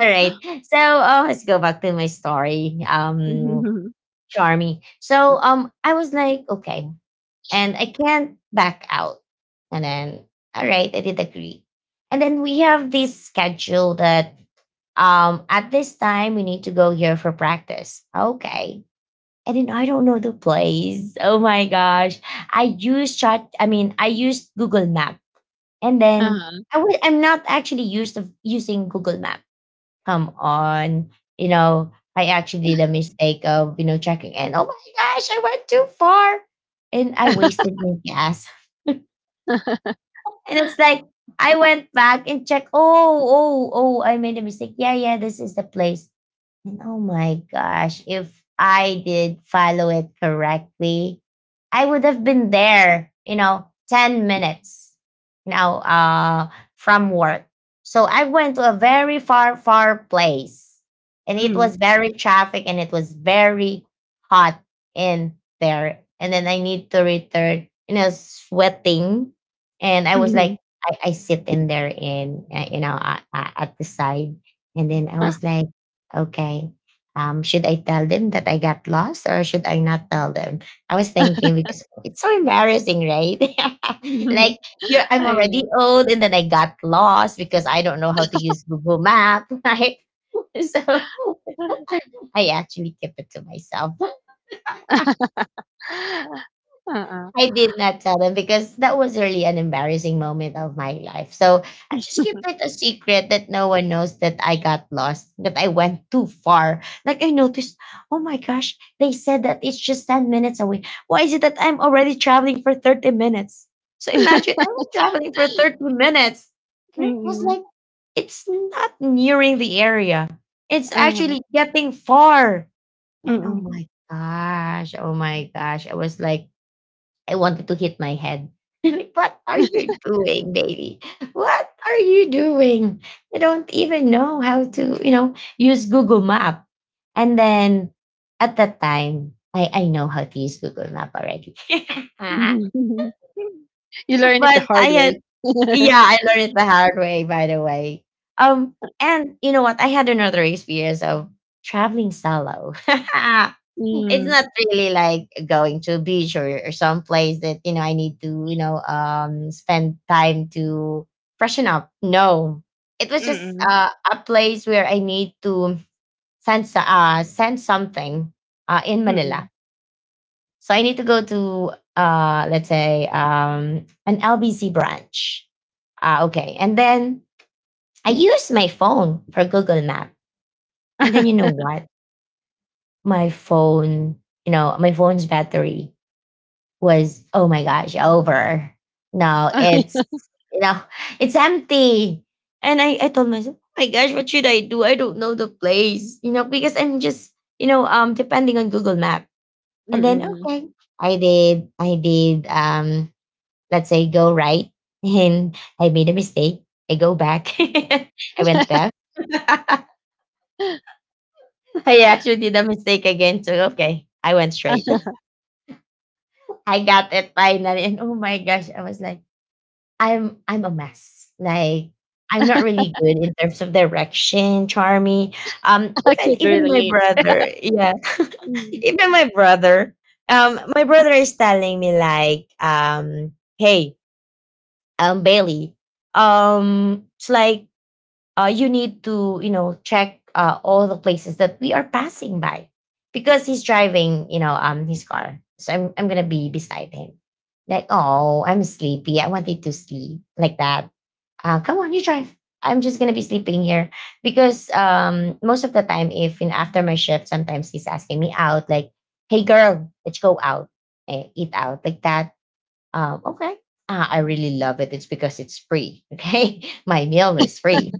A: All right, so let's go back to my story.
B: Mhm.
A: Charmy. So I was like, okay, and I can't back out. And then, all right, I did agree. And then we have this schedule that, at this time we need to go here for practice. Okay. And then I don't know the place. Oh my gosh. I used I used Google Map. And then
B: Uh-huh.
A: I'm not actually used of using Google Map. Come on. You know, I actually did a mistake of, you know, checking, and oh my gosh, I went too far and I wasted my gas. And it's like I went back and checked. Oh, oh, oh! I made a mistake. Yeah, yeah. This is the place. Oh my gosh. If I did follow it correctly, I would have been there, you know, 10 minutes, you know, from work. So I went to a very far, far place, and it
B: Mm,
A: was very traffic and it was very hot in there. And then I need to return, you know, sweating. And I was
B: mhm.
A: like, I sit in there in, you know, at the side. And then I was like, okay. Should I tell them that I got lost, or should I not tell them? I was thinking because it's so embarrassing, right?
B: Mhm.
A: Like, you're I'm
B: I
A: already
B: know.
A: old and then I got lost because I don't know how to use Google Map, right? So I actually kept it to myself.
B: Uh-uh.
A: I did not tell them because that was really an embarrassing moment of my life. So I just keep it a secret that no one knows that I got lost, that I went too far. Like I noticed, oh my gosh, they said that it's just 10 minutes away. Why is it that I'm already traveling for 30 minutes? So imagine I'm traveling for 30 minutes. And it was
B: Mm,
A: like, it's not nearing the area, it's
B: uh-huh.
A: actually getting far. And
B: Mm.
A: oh my gosh, I was like, I wanted to hit my head. Like, what are you doing, baby? What are you doing? You don't even know how to, you know, use Google Map. And then at that time, I know how to use Google Map already.
B: You learn it the
A: But I
B: hard
A: had
B: way.
A: yeah, I learned it the hard way, by the way. Um, and you know what? I had another experience of traveling solo. It's
B: Hmm,
A: not really like going to a beach, or some place that, you know, I need to, you know, spend time to freshen up. No, it was just
B: mm,
A: a place where I need to sense something in
B: mm.
A: Manila.
B: Mm.
A: So I need to go to let's say an LBC branch. Okay. And then I use my phone for Google Map. And then you know what? My phone, you know, my phone's battery was, oh my gosh, over. No, it's, you know, it's empty. And I told myself, oh my gosh, what should I do? I don't know the place, you know, because I'm just, you know, depending on Google Map. And then okay, I did let's say go right and I made a mistake. I go back. I went left. I actually did a mistake again. So okay, I went straight. I got it finally. And oh my gosh, I was like, I'm a mess. Like I'm not really good in terms of direction, Charmy.
B: I
A: Even
B: could
A: my
B: relate.
A: brother, yeah,
B: Mm,
A: even my brother. My brother is telling me like, hey, Bailey, it's like you need to, you know, check all the places that we are passing by, because he's driving, you know, his car, so I'm gonna be beside him. Like, oh I'm sleepy, I wanted to sleep like that. Come on, you drive, I'm just gonna be sleeping here. Because most of the time, if in after my shift, sometimes he's asking me out like, hey girl, let's go out and eat out like that. Okay. Ah, I really love it, it's because it's free, okay. My meal is free.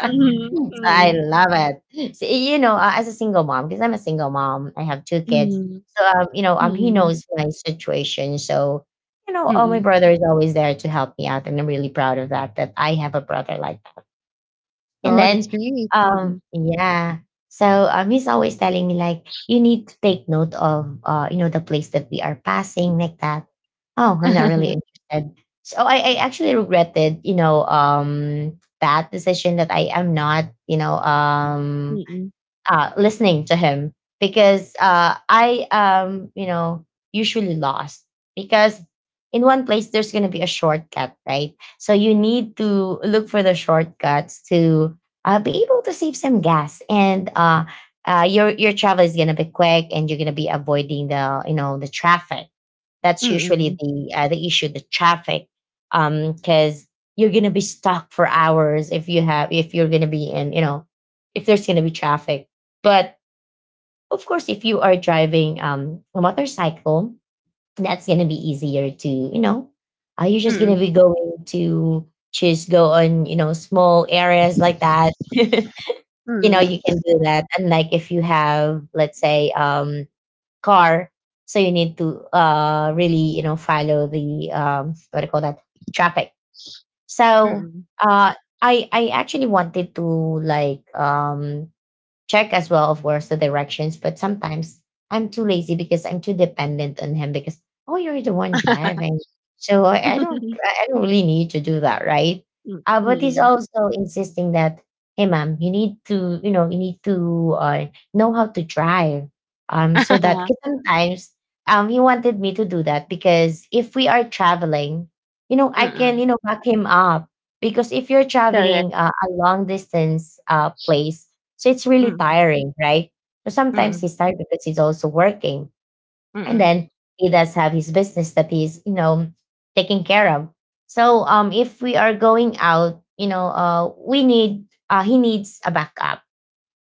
B: mhm,
A: So, I
B: mm.
A: love it. So, you know, as a single mom, because I'm a single mom, I have two kids.
B: Mm,
A: So, he
B: mm,
A: knows my situation. So, oh, my
B: mm.
A: brother is always there to help me out, and I'm really proud of that. That I have a brother like. And
B: Oh,
A: then,
B: that's great. Mm.
A: yeah. So, he's always telling me like, you need to take note of, the place that we are passing, like that. Oh, I'm not really interested. So I actually regretted, that decision that I am not,
B: Mm,
A: listening to him because I you know usually lost because in one place there's gonna be a shortcut, right? So you need to look for the shortcuts to be able to save some gas, and your travel is gonna be quick and you're gonna be avoiding the, the traffic.
B: mm,
A: That's usually
B: mm,
A: the issue, the traffic, because you're gonna be stuck for hours if you have, if you're gonna be in, if there's gonna be traffic. But of course, if you are driving a motorcycle, that's gonna be easier, to you know. You're just gonna be going to just go on, you know, small areas like that. You know,
B: mm,
A: you can do that unlike if you have, let's say, car. So you need to really, you know, follow the what do you call that, traffic. So,
B: mm.
A: uh, I actually wanted to, like, check as well, of course, the directions. But sometimes I'm too lazy because I'm too dependent on him because oh, you're the one driving, so I don't, I don't really need to do that, right?
B: Mm,
A: But he's
B: mm.
A: also insisting that hey, ma'am, you need to, you know, you need to know how to drive, so that,
B: Mm.
A: 'cause sometimes he wanted me to do that because if we are traveling, you know, I can, you know, back him up, because if you're
B: Correct.
A: traveling a long distance place, so it's really
B: Mm,
A: tiring, right? So sometimes
B: mm,
A: he's tired because he's also working. And
B: mm.
A: then he does have his business that he's, you know, taking care of. So if we are going out, you know, we need he needs a backup,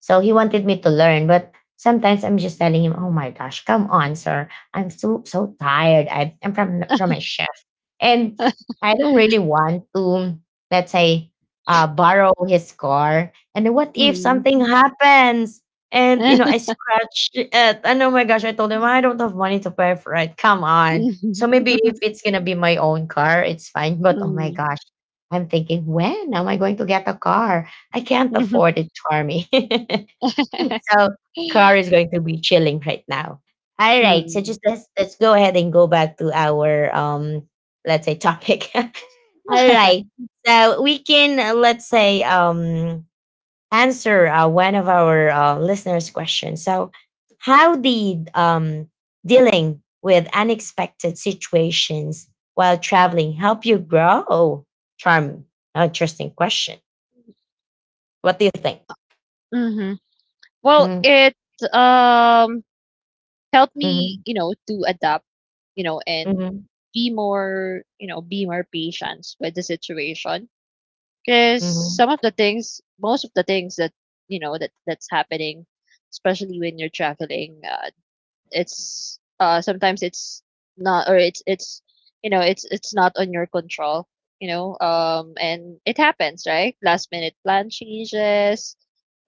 A: so he wanted me to learn, but sometimes I'm just telling him, "Oh my gosh, come on, sir! I'm so so tired. I'm from my shift, and I don't really want to, let's say, borrow his car. And what if
B: Mm.
A: something happens?" And you know, I scratch it, and oh my gosh, I told him I don't have money to pay for it. Come on. So
B: Mm.
A: maybe if it's gonna be my own car, it's fine. But oh my
B: Mm.
A: gosh, I'm thinking, when am I going to get a car? I can't afford it, Charmy. So car is going to be chilling right now. All right. So just,
B: Mm.
A: let's go ahead and go back to our let's say topic. All right. So we can, let's say, answer, one of our, listeners' questions. So how did, dealing with unexpected situations while traveling help you grow? Charmy. Interesting question. What do you think?
B: Mhm. Well, it um helped me,
A: Mm-hmm.
B: you know, to adapt, you know, and
A: Mhm,
B: be more, you know, be more patient with the situation. Because
A: mhm,
B: some of the things, most of the things that, you know, that that's happening, especially when you're traveling, it's sometimes it's not, or it's you know it's not on your control, you know, and it happens, right? Last minute plan changes,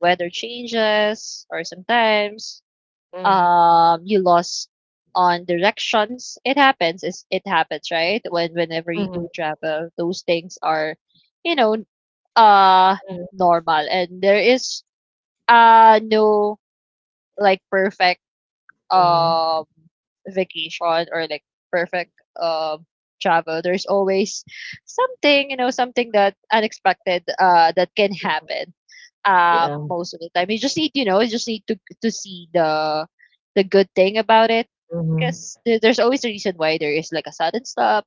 B: weather changes, or sometimes
A: mhm,
B: you lost on directions. It happens, is it happens, right, when whenever you
A: mhm,
B: do travel those things are, you know, uh
A: mhm,
B: normal. And there is no like perfect
A: mhm.
B: um vacation, or like perfect um travel. There's always something, you know, something that unexpected that can happen
A: Yeah,
B: most of the time. You just need, you know, you just need to see the good thing about it,
A: mhm,
B: because there's always a reason why there is like a sudden stop.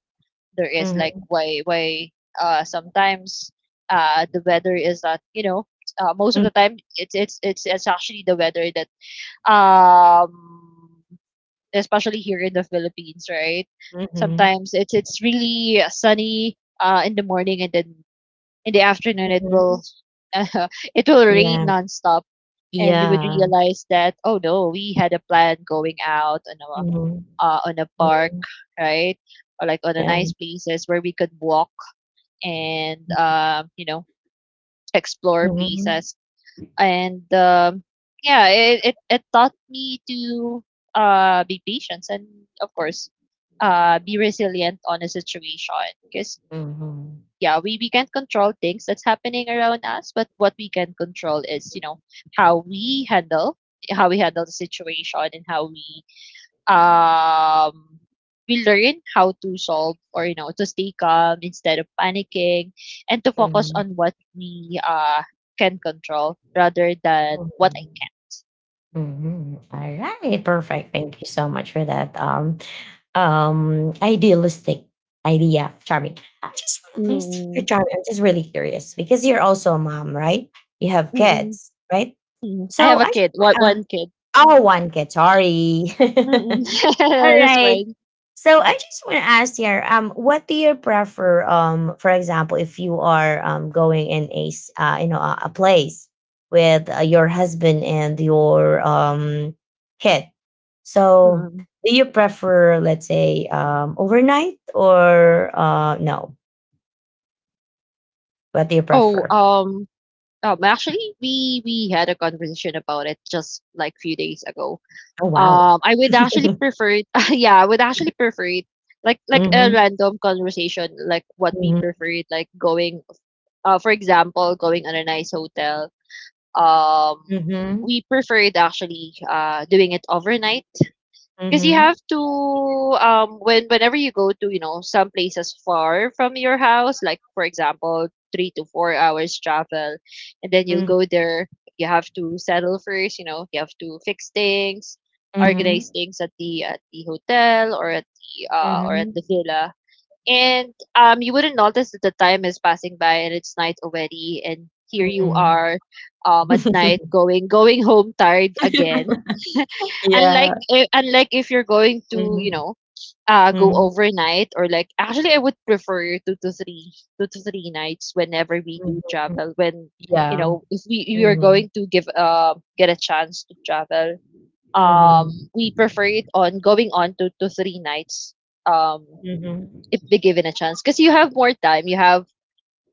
B: There is like,
A: mhm,
B: why sometimes the weather is that, you know, most of the
A: mm,
B: time it's actually the weather that um especially here in the Philippines, right?
A: mhm,
B: Sometimes it's really sunny in the morning, and then in the afternoon it
A: mhm.
B: will it will rain
A: Yeah,
B: nonstop, and we would
A: yeah,
B: realize that, oh no, we had a plan going out on a
A: mhm,
B: park,
A: mhm,
B: right? Or like on a
A: yeah,
B: nice places where we could walk and
A: mm,
B: uh, you know explore
A: mhm,
B: places. And yeah, it taught me to, be patient, and of course be resilient on a situation because,
A: mhm,
B: yeah, we can't control things that's happening around us, but what we can control is, you know, how we handle how we handle the situation, and how um we learn how to solve, or you know, to stay calm instead of panicking, and to focus
A: mhm,
B: on what we can control rather than what I
A: mhm, mhm. Alright,
B: can.
A: perfect. Thank you so much for that. Um, idealistic idea, Charmy. I'm just,
B: Mm,
A: I'm just,
B: mm,
A: Charmy, I'm just really curious because you're also a mom, right? You have
B: mm,
A: kids, right?
B: mm. I
A: So
B: have a
A: I
B: kid, one
A: just.
B: one kid.
A: Oh,
B: Mm-mm.
A: one Qatari.
B: Mm-mm.
A: All
B: That's
A: right.
B: right.
A: So I just want to ask here, what do you prefer? For example, if you are going in a you know, a place with your husband and your kid, so
B: Mm.
A: do you prefer, let's say, overnight or no? What do you
B: Oh,
A: prefer?
B: actually, we had a conversation about it just like few days ago.
A: Oh wow.
B: I would actually prefer, yeah, I would actually prefer it like a
A: Mm-hmm.
B: random conversation, like what we preferred, like going, for example, going on a nice hotel. Um,
A: Mm-hmm.
B: we preferred actually doing it overnight, because you
A: Mm-hmm.
B: have to, when whenever you go to, you know, some places far from your house, like for example, 3 to 4 hours travel, and then you'll
A: Mm-hmm.
B: go there, you have to settle first, you know, you have to fix things, organize
A: Mm-hmm.
B: things at the hotel, or at the
A: Mm-hmm.
B: villa. And you wouldn't notice that the time is passing by, and it's night already, and here you
A: Mm-hmm.
B: are at night going home tired again,
A: Yeah.
B: unlike if you're going to, you
A: Mhm.
B: know, go
A: Mhm.
B: overnight, or like, actually, I would prefer two to three nights whenever we do
A: Mhm.
B: travel when, you
A: Yeah.
B: know, if we you are
A: Mhm.
B: going to give get a chance to travel.
A: Mhm.
B: We prefer it on going on to 2 to 3 nights, um
A: Mhm.
B: if they given a chance, because you have more time, you have,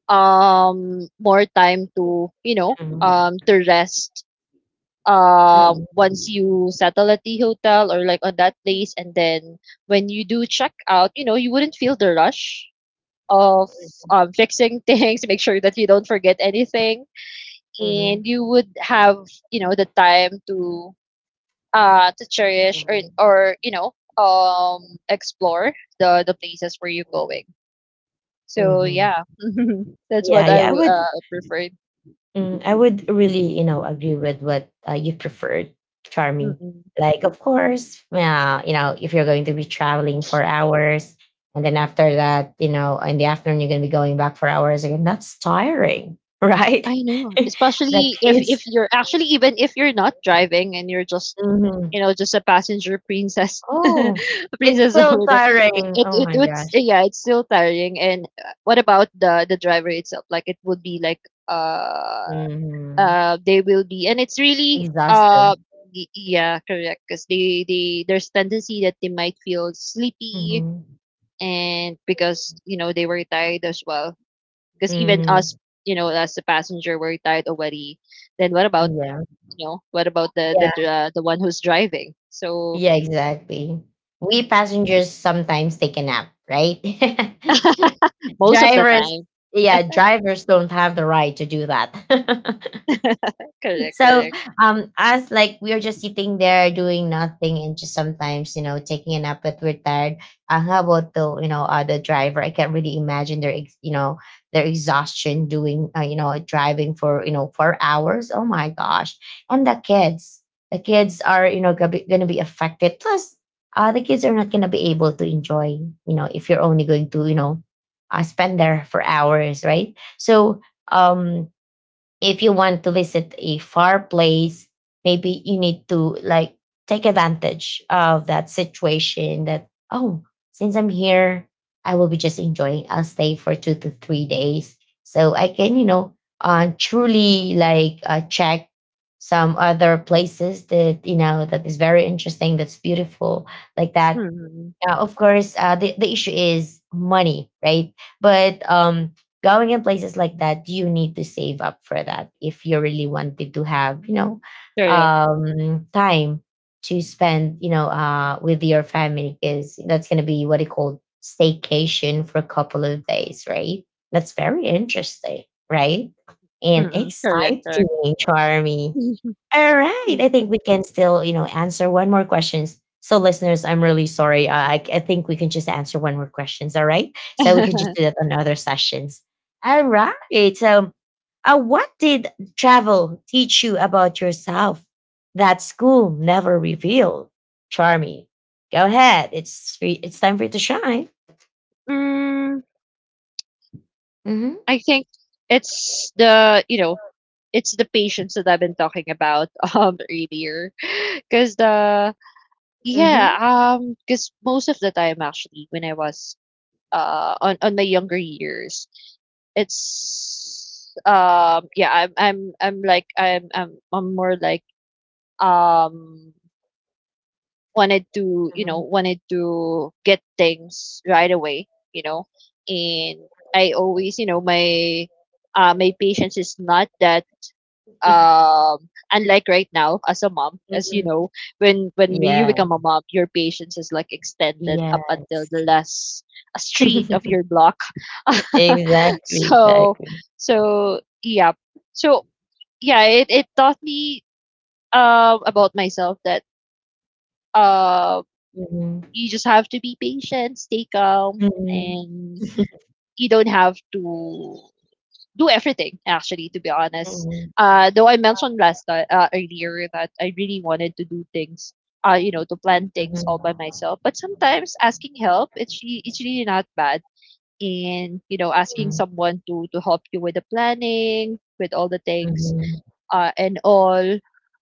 B: more time to, you know,
A: Mhm.
B: to rest
A: Mhm.
B: once you settle at the hotel, or like on that place, and then when you do check out, you know, you wouldn't feel the rush of, fixing things, make sure that you don't forget anything,
A: Mhm.
B: and you would have, you know, the time to, to cherish, or
A: Mhm.
B: or you know, um explore the places where you're going. So
A: Mhm.
B: yeah that's what
A: Yeah,
B: I
A: yeah. I would,
B: preferred.
A: mm, I would really, you know, agree with what, you preferred, Charmy. Like, of course, yeah, you know, if you're going to be traveling for hours and then after that, you know, in the afternoon you're going to be going back for hours again, that's tiring, right?
B: I know,
A: The
B: especially if
A: kids.
B: if you're actually, even if you're not driving and you're just,
A: Mhm.
B: you know, just a passenger princess, a
A: Oh, it's
B: princess
A: still
B: over there.
A: tiring.
B: It
A: Oh
B: it
A: my
B: it's
A: gosh.
B: yeah, it's still tiring. And what about the driver itself? Like it would be like uh
A: Mhm.
B: they will be, and it's really
A: Exhausted.
B: yeah, correct, because they there's tendency that they might feel sleepy,
A: Mhm.
B: and because, you know, they were tired as well, because even us,
A: Mhm.
B: you know, as a passenger, we're tired already. Then what about,
A: Yeah.
B: you know, what about the
A: Yeah.
B: dr- the one who's driving? So
A: Yeah, exactly. We
B: mm,
A: passengers sometimes take a nap, right?
B: most of the
A: Drivers,
B: time,
A: yeah, drivers don't have the right to do that.
B: correct,
A: So
B: correct,
A: us, like we are just sitting there doing nothing and just sometimes, you know, taking a nap but we're tired. How about the, you know, the driver? I can't really imagine their, you know, their exhaustion doing, you know, driving for, you know, 4 hours. Oh my gosh! And the kids are, you know, gonna be, affected. Plus, the kids are not gonna be able to enjoy, you know, if you're only going to, you know, spend there for hours, right? So um if you want to visit a far place, maybe you need to, like, take advantage of that situation that, oh, since I'm here, I will be just enjoying. I'll stay for 2 to 3 days. So I can, you know, truly, like, check some other places that, you know, that is very interesting, that's beautiful, like that.
B: mm,
A: Yeah, of course, the issue is money, right? But going in places like that, you need to save up for that if you really wanted to have, you know,
B: correct,
A: time to spend, you know, with your family, because that's going to be what it called staycation for a couple of days, right? That's very interesting, right? And
B: mm, correct, correct.
A: exciting, Charmy. All right. I think
B: Mm.
A: we can still, you know, answer one more questions. So, listeners, I'm really sorry. I think we can just answer one more questions. All right. So we can just do that on other sessions. All right. So, what did travel teach you about yourself that school never revealed? Charmy, go ahead. It's free, it's time for you to shine.
B: Mm,
A: Mm-hmm.
B: I think it's the you know, it's the patience that I've been talking about earlier, because the,
A: Mm-hmm.
B: yeah, because most of the time, actually, when I was on my younger years, it's yeah, I'm more like, um wanted to, you know, wanted to get things right away, you know, and I always, you know, my, my patience is not that, unlike right now, as a mom, as you
A: Hmm.
B: know, when you
A: Yeah.
B: become a mom, your patience is like extended up until the
A: Yes.
B: last street of your block.
A: Exactly.
B: so,
A: Exactly.
B: so yeah, so yeah, it taught me, about myself, that uh
A: Mhm.
B: you just have to be patient, stay calm,
A: Mhm.
B: and you don't have to do everything, actually, to be honest.
A: Mhm.
B: Though I mentioned earlier that I really wanted to do things, you know, to plan things
A: Mhm.
B: all by myself, but sometimes asking help, it's really not bad, and, you know, asking
A: Mhm.
B: someone to help you with the planning, with all the things,
A: Mhm.
B: and all,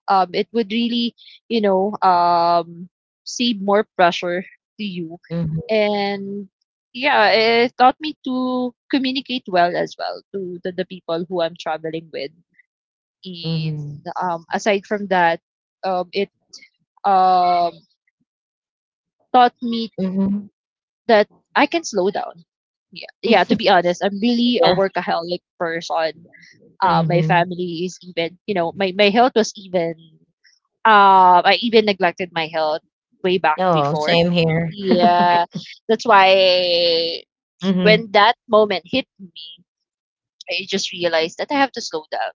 B: it would really, you know, save more pressure to you. And yeah, it taught me to communicate well as well to, the people who I'm traveling with. And
A: Mhm.
B: um, aside from that, it, um, taught me
A: Mhm. Mhm.
B: that I can slow down. Yeah, yeah, to be honest, I'm really a
A: Yeah.
B: workaholic person. My
A: Mhm.
B: family is even, you know, my health was even, I even neglected my health way back
A: No,
B: before.
A: same here.
B: Yeah, that's why
A: Mhm.
B: when that moment hit me, I just realized that I have to slow down.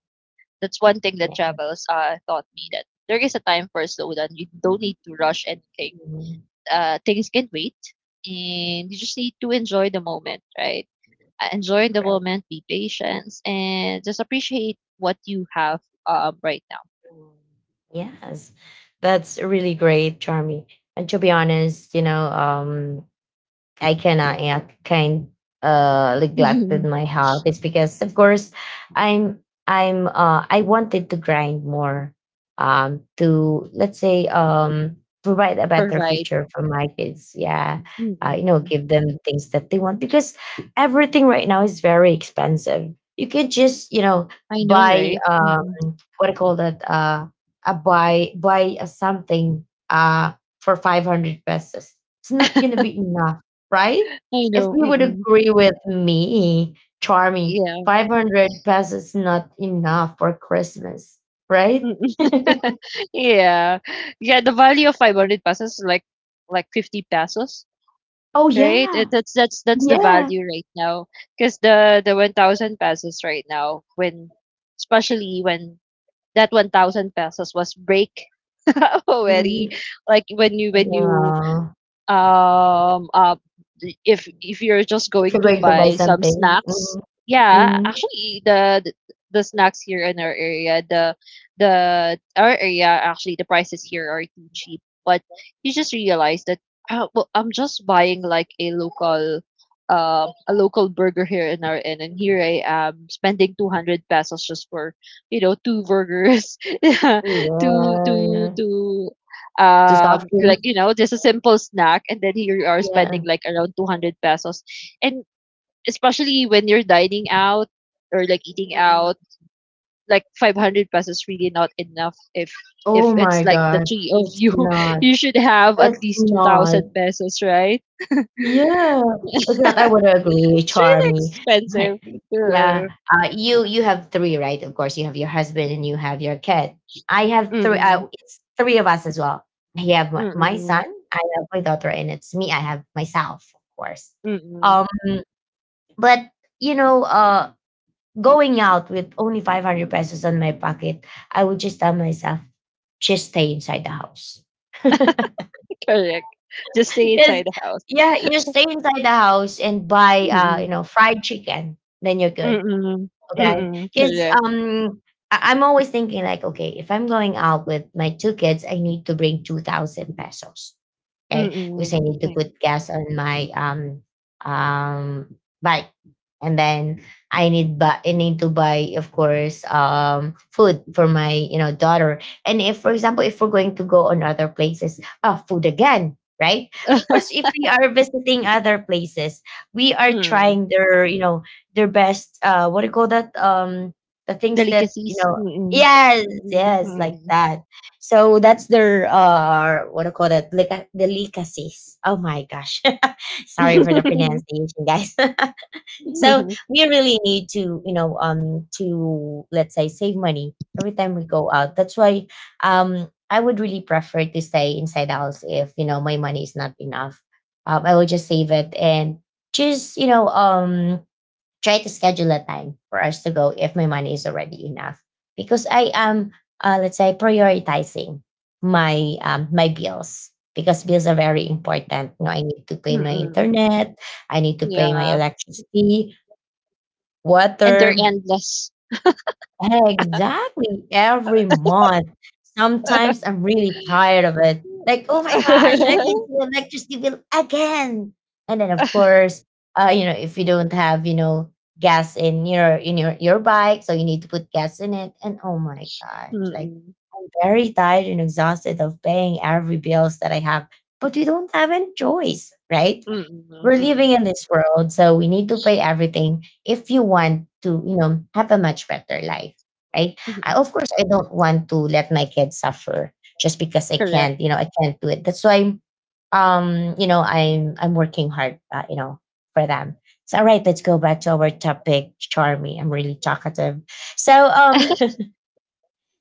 B: That's one thing that
A: Yeah.
B: travels, taught me that there is a time for slow down. You don't need to rush anything.
A: Mhm.
B: Things can wait, and you just need to enjoy the moment, right? Enjoy the
A: Right.
B: moment, be patient, and just appreciate what you have, right
A: Yes. That's really great, Charmy. And to be honest, you know, I cannot, yeah, kind, neglected
B: now.
A: my health. It's because of course I'm I'm I wanted to grind more, to let's say, provide a better
B: Provide.
A: future for my kids. Yeah. You know, give them things that they want because everything right now is very expensive. You can just, you know,
B: I know,
A: buy
B: right? Mm-mm.
A: what do you call that? A buy, buy a something, for 500 pesos. It's not gonna be enough, right?
B: I
A: If
B: know.
A: you would
B: Mm-mm.
A: agree with me, Charmy,
B: Yeah.
A: 500 pesos not enough for Christmas, right?
B: Mm-mm. Yeah. Yeah, the value of 500 pesos is like 50 pesos,
A: Oh
B: right?
A: yeah,
B: That's that's the
A: yeah.
B: value right now, because the 1,000 pesos right now, when, especially when that 1,000 pesos was break already,
A: Mhm.
B: like when you,
A: Yeah.
B: um uh if you're just
A: If
B: going
A: you're
B: to
A: going to buy
B: buy some
A: something,
B: snacks.
A: mhm.
B: Yeah,
A: Mhm.
B: actually, the snacks here in our area, the our area, actually, the prices here are too cheap, but you just realize that, oh well, I'm just buying like a local, a local burger here in our inn, and here I am spending 200 pesos just for, you know, two burgers two
A: Yeah,
B: two
A: yeah.
B: two
A: To soft
B: like,
A: drinks,
B: you know, just a simple snack, and then here you are spending
A: yeah.
B: like around 200 pesos, and especially when you're dining out, or like eating
A: Mhm.
B: out, like 500 pesos really not enough, if
A: Oh
B: it's
A: my
B: like the
A: God,
B: three of
A: it's
B: you
A: not.
B: you should have at
A: It's
B: least
A: not.
B: 2,000 pesos, right?
A: Yeah. It's not. I would agree,
B: It's really
A: Charmy.
B: expensive,
A: Yeah.
B: yeah.
A: You you have three, right? Of course, you have your husband and you have your kid. I have three.
B: Mm-mm,
A: It's three of us as well. I have my, my
B: mm-mm,
A: son. I have my daughter, and it's me. I have myself, of course.
B: mm-mm.
A: Um, but you know, going out with only 500 pesos on my pocket, I would just tell myself, just stay inside the house.
B: Correct. Just stay
A: Because
B: inside the house.
A: yeah, you stay inside the house and buy, you
B: Mm-mm,
A: know, fried chicken, then you're good.
B: mm-mm,
A: Okay.
B: mm-mm.
A: Because
B: Correct.
A: I'm always thinking like, okay, if I'm going out with my two kids, I need to bring 2,000 pesos, okay? Because I
B: Mm-mm.
A: need to
B: Mm-mm.
A: put gas on my um bike, and then I need to buy, of course, food for my, you know, daughter. And if, for example, if we're going to go on other places, oh, food again, right? Of course, if we are visiting other places, we are
B: Mm.
A: trying their, you know, their best. What do you call that? The things that you
B: Delicacies.
A: know.
B: Mm.
A: Yes,
B: Mm,
A: yes, like
B: mm.
A: that. So that's their, what do you call that? Delicacies. Oh my gosh. Sorry for the pronunciation, guys. So we really need to, you know, to let's say save money every time we go out. That's why I would really prefer to stay inside the house if, you know, my money is not enough. I will just save it and just try to schedule a time for us to go if my money is already enough because I am let's say prioritizing my my bills because bills are very important. I need to pay my
B: Mm.
A: internet, I need to pay my
B: Yeah.
A: electricity,
B: And they're
A: water.
B: endless.
A: Eh, exactly. Every month. Sometimes I'm really tired of it. Like, oh my gosh, I can see the electricity bill again. And then of course, if you don't have, gas in your bike, so you need to put gas in it. And oh my gosh, like
B: Mm.
A: I'm very tired and exhausted of paying every bills that I have. But we don't have any choice, right?
B: Mm.
A: We're
B: Mm.
A: living in this world, so we need to pay everything if you want to, have a much better life, right? I,
B: Mm.
A: of course, I don't want to let my kids suffer just because I
B: Correct.
A: can't, I can't do it. That's why, I'm working hard, for them. So, all right, let's go back to our topic, Charmy. I'm really talkative. So,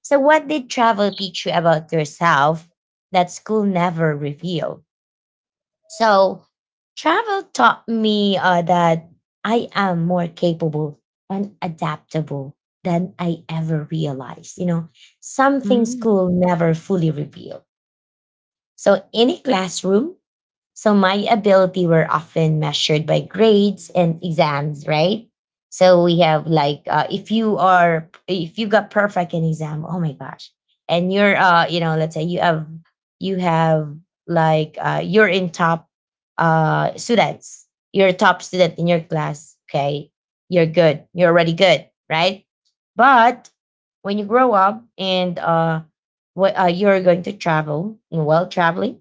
A: so what did travel teach you about yourself that school never revealed? So travel taught me that I am more capable and adaptable than I ever realized. You know, something
B: Mm.
A: school never fully revealed. So in a classroom, so my ability were often measured by grades and exams, right? So we have like if you are if you got perfect in exam, oh my gosh, and you're you know let's say you have like you're in top students, you're a top student in your class, okay, you're good, you're already good, right? But when you grow up and you're going to travel, well traveling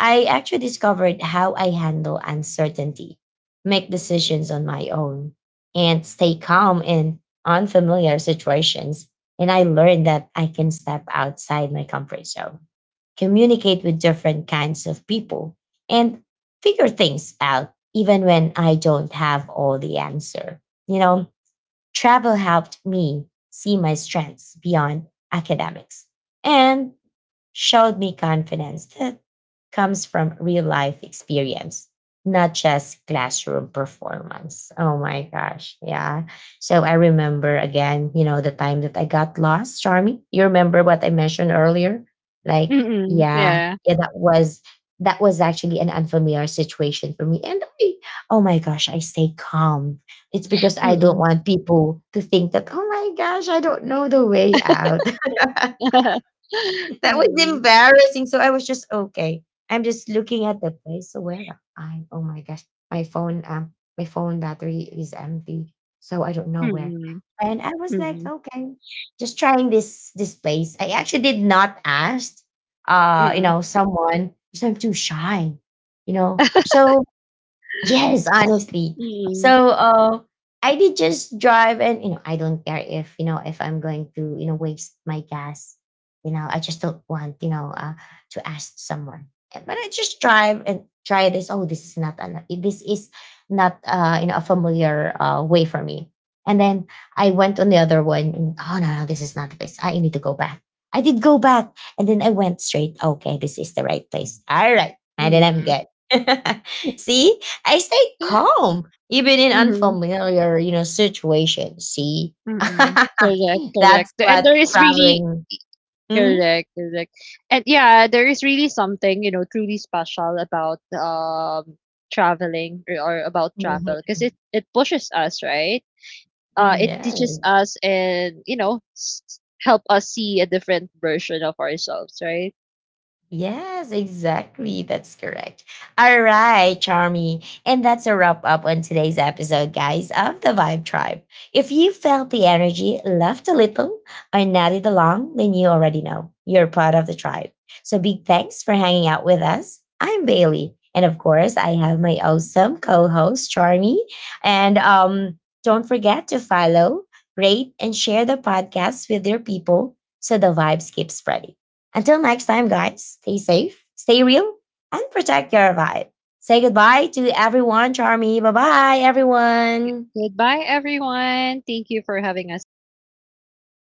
A: I actually discovered how I handle uncertainty, make decisions on my own, and stay calm in unfamiliar situations. And I learned that I can step outside my comfort zone, communicate with different kinds of people, and figure things out even when I don't have all the answer. You know, travel helped me see my strengths beyond academics and showed me confidence that comes from real life experience, not just classroom performance. Oh my gosh. Yeah. So I remember again, you know, the time that I got lost, Charmy. You remember what I mentioned earlier? Like,
B: Mm.
A: yeah,
B: Yeah.
A: yeah, that was actually an unfamiliar situation for me. And I, oh my gosh, I stay calm. It's because I don't
B: Mm.
A: want people to think that, oh my gosh, I don't know the way out.
B: Mm.
A: That was embarrassing. So I was just okay. I'm just looking at the place. So where am I? Oh my gosh, my phone um my phone battery is empty, so I don't know where.
B: Mm.
A: And I was like,
B: Mm.
A: okay, just trying this place. I actually did not ask,
B: Mm.
A: someone because I'm too shy, you know. So yes, honestly.
B: Mm.
A: So I did just drive and you know, I don't care if you know if I'm going to, waste my gas. You know, I just don't want, to ask someone. But I just drive and try this. Oh, this is not an this is not you know a familiar way for me. And then I went on the other one and oh no, no, this is not the place. I need to go back. I did go back and then I went straight. Okay, this is the right place. All right. And then I'm
B: Mm.
A: good. See? I stay calm even in
B: Mm.
A: unfamiliar, situations. See,
B: Mm. Correct, correct.
A: that's
B: And
A: what
B: there is really
A: traveling. Mhm.
B: Correct, correct. And yeah, there is really something, you know, truly special about traveling, or about
A: Mhm.
B: travel, because it pushes us, right?
A: Mm,
B: It teaches
A: yes.
B: us and, you know, help us see a different version of ourselves, right?
A: Yes, exactly. That's correct. All right, Charmy. And that's a wrap up on today's episode, guys, of the Vibe Tribe. If you felt the energy, laughed a little, or nodded along, then you already know you're part of the tribe. So big thanks for hanging out with us. I'm Bailey. And of course, I have my awesome co host, Charmy. And don't forget to follow, rate, and share the podcast with your people so the vibes keep spreading. Until next time, guys, stay safe, stay real, and protect your vibe. Say goodbye to everyone, Charmy. Bye bye, everyone.
B: Goodbye, everyone. Thank you for having us today.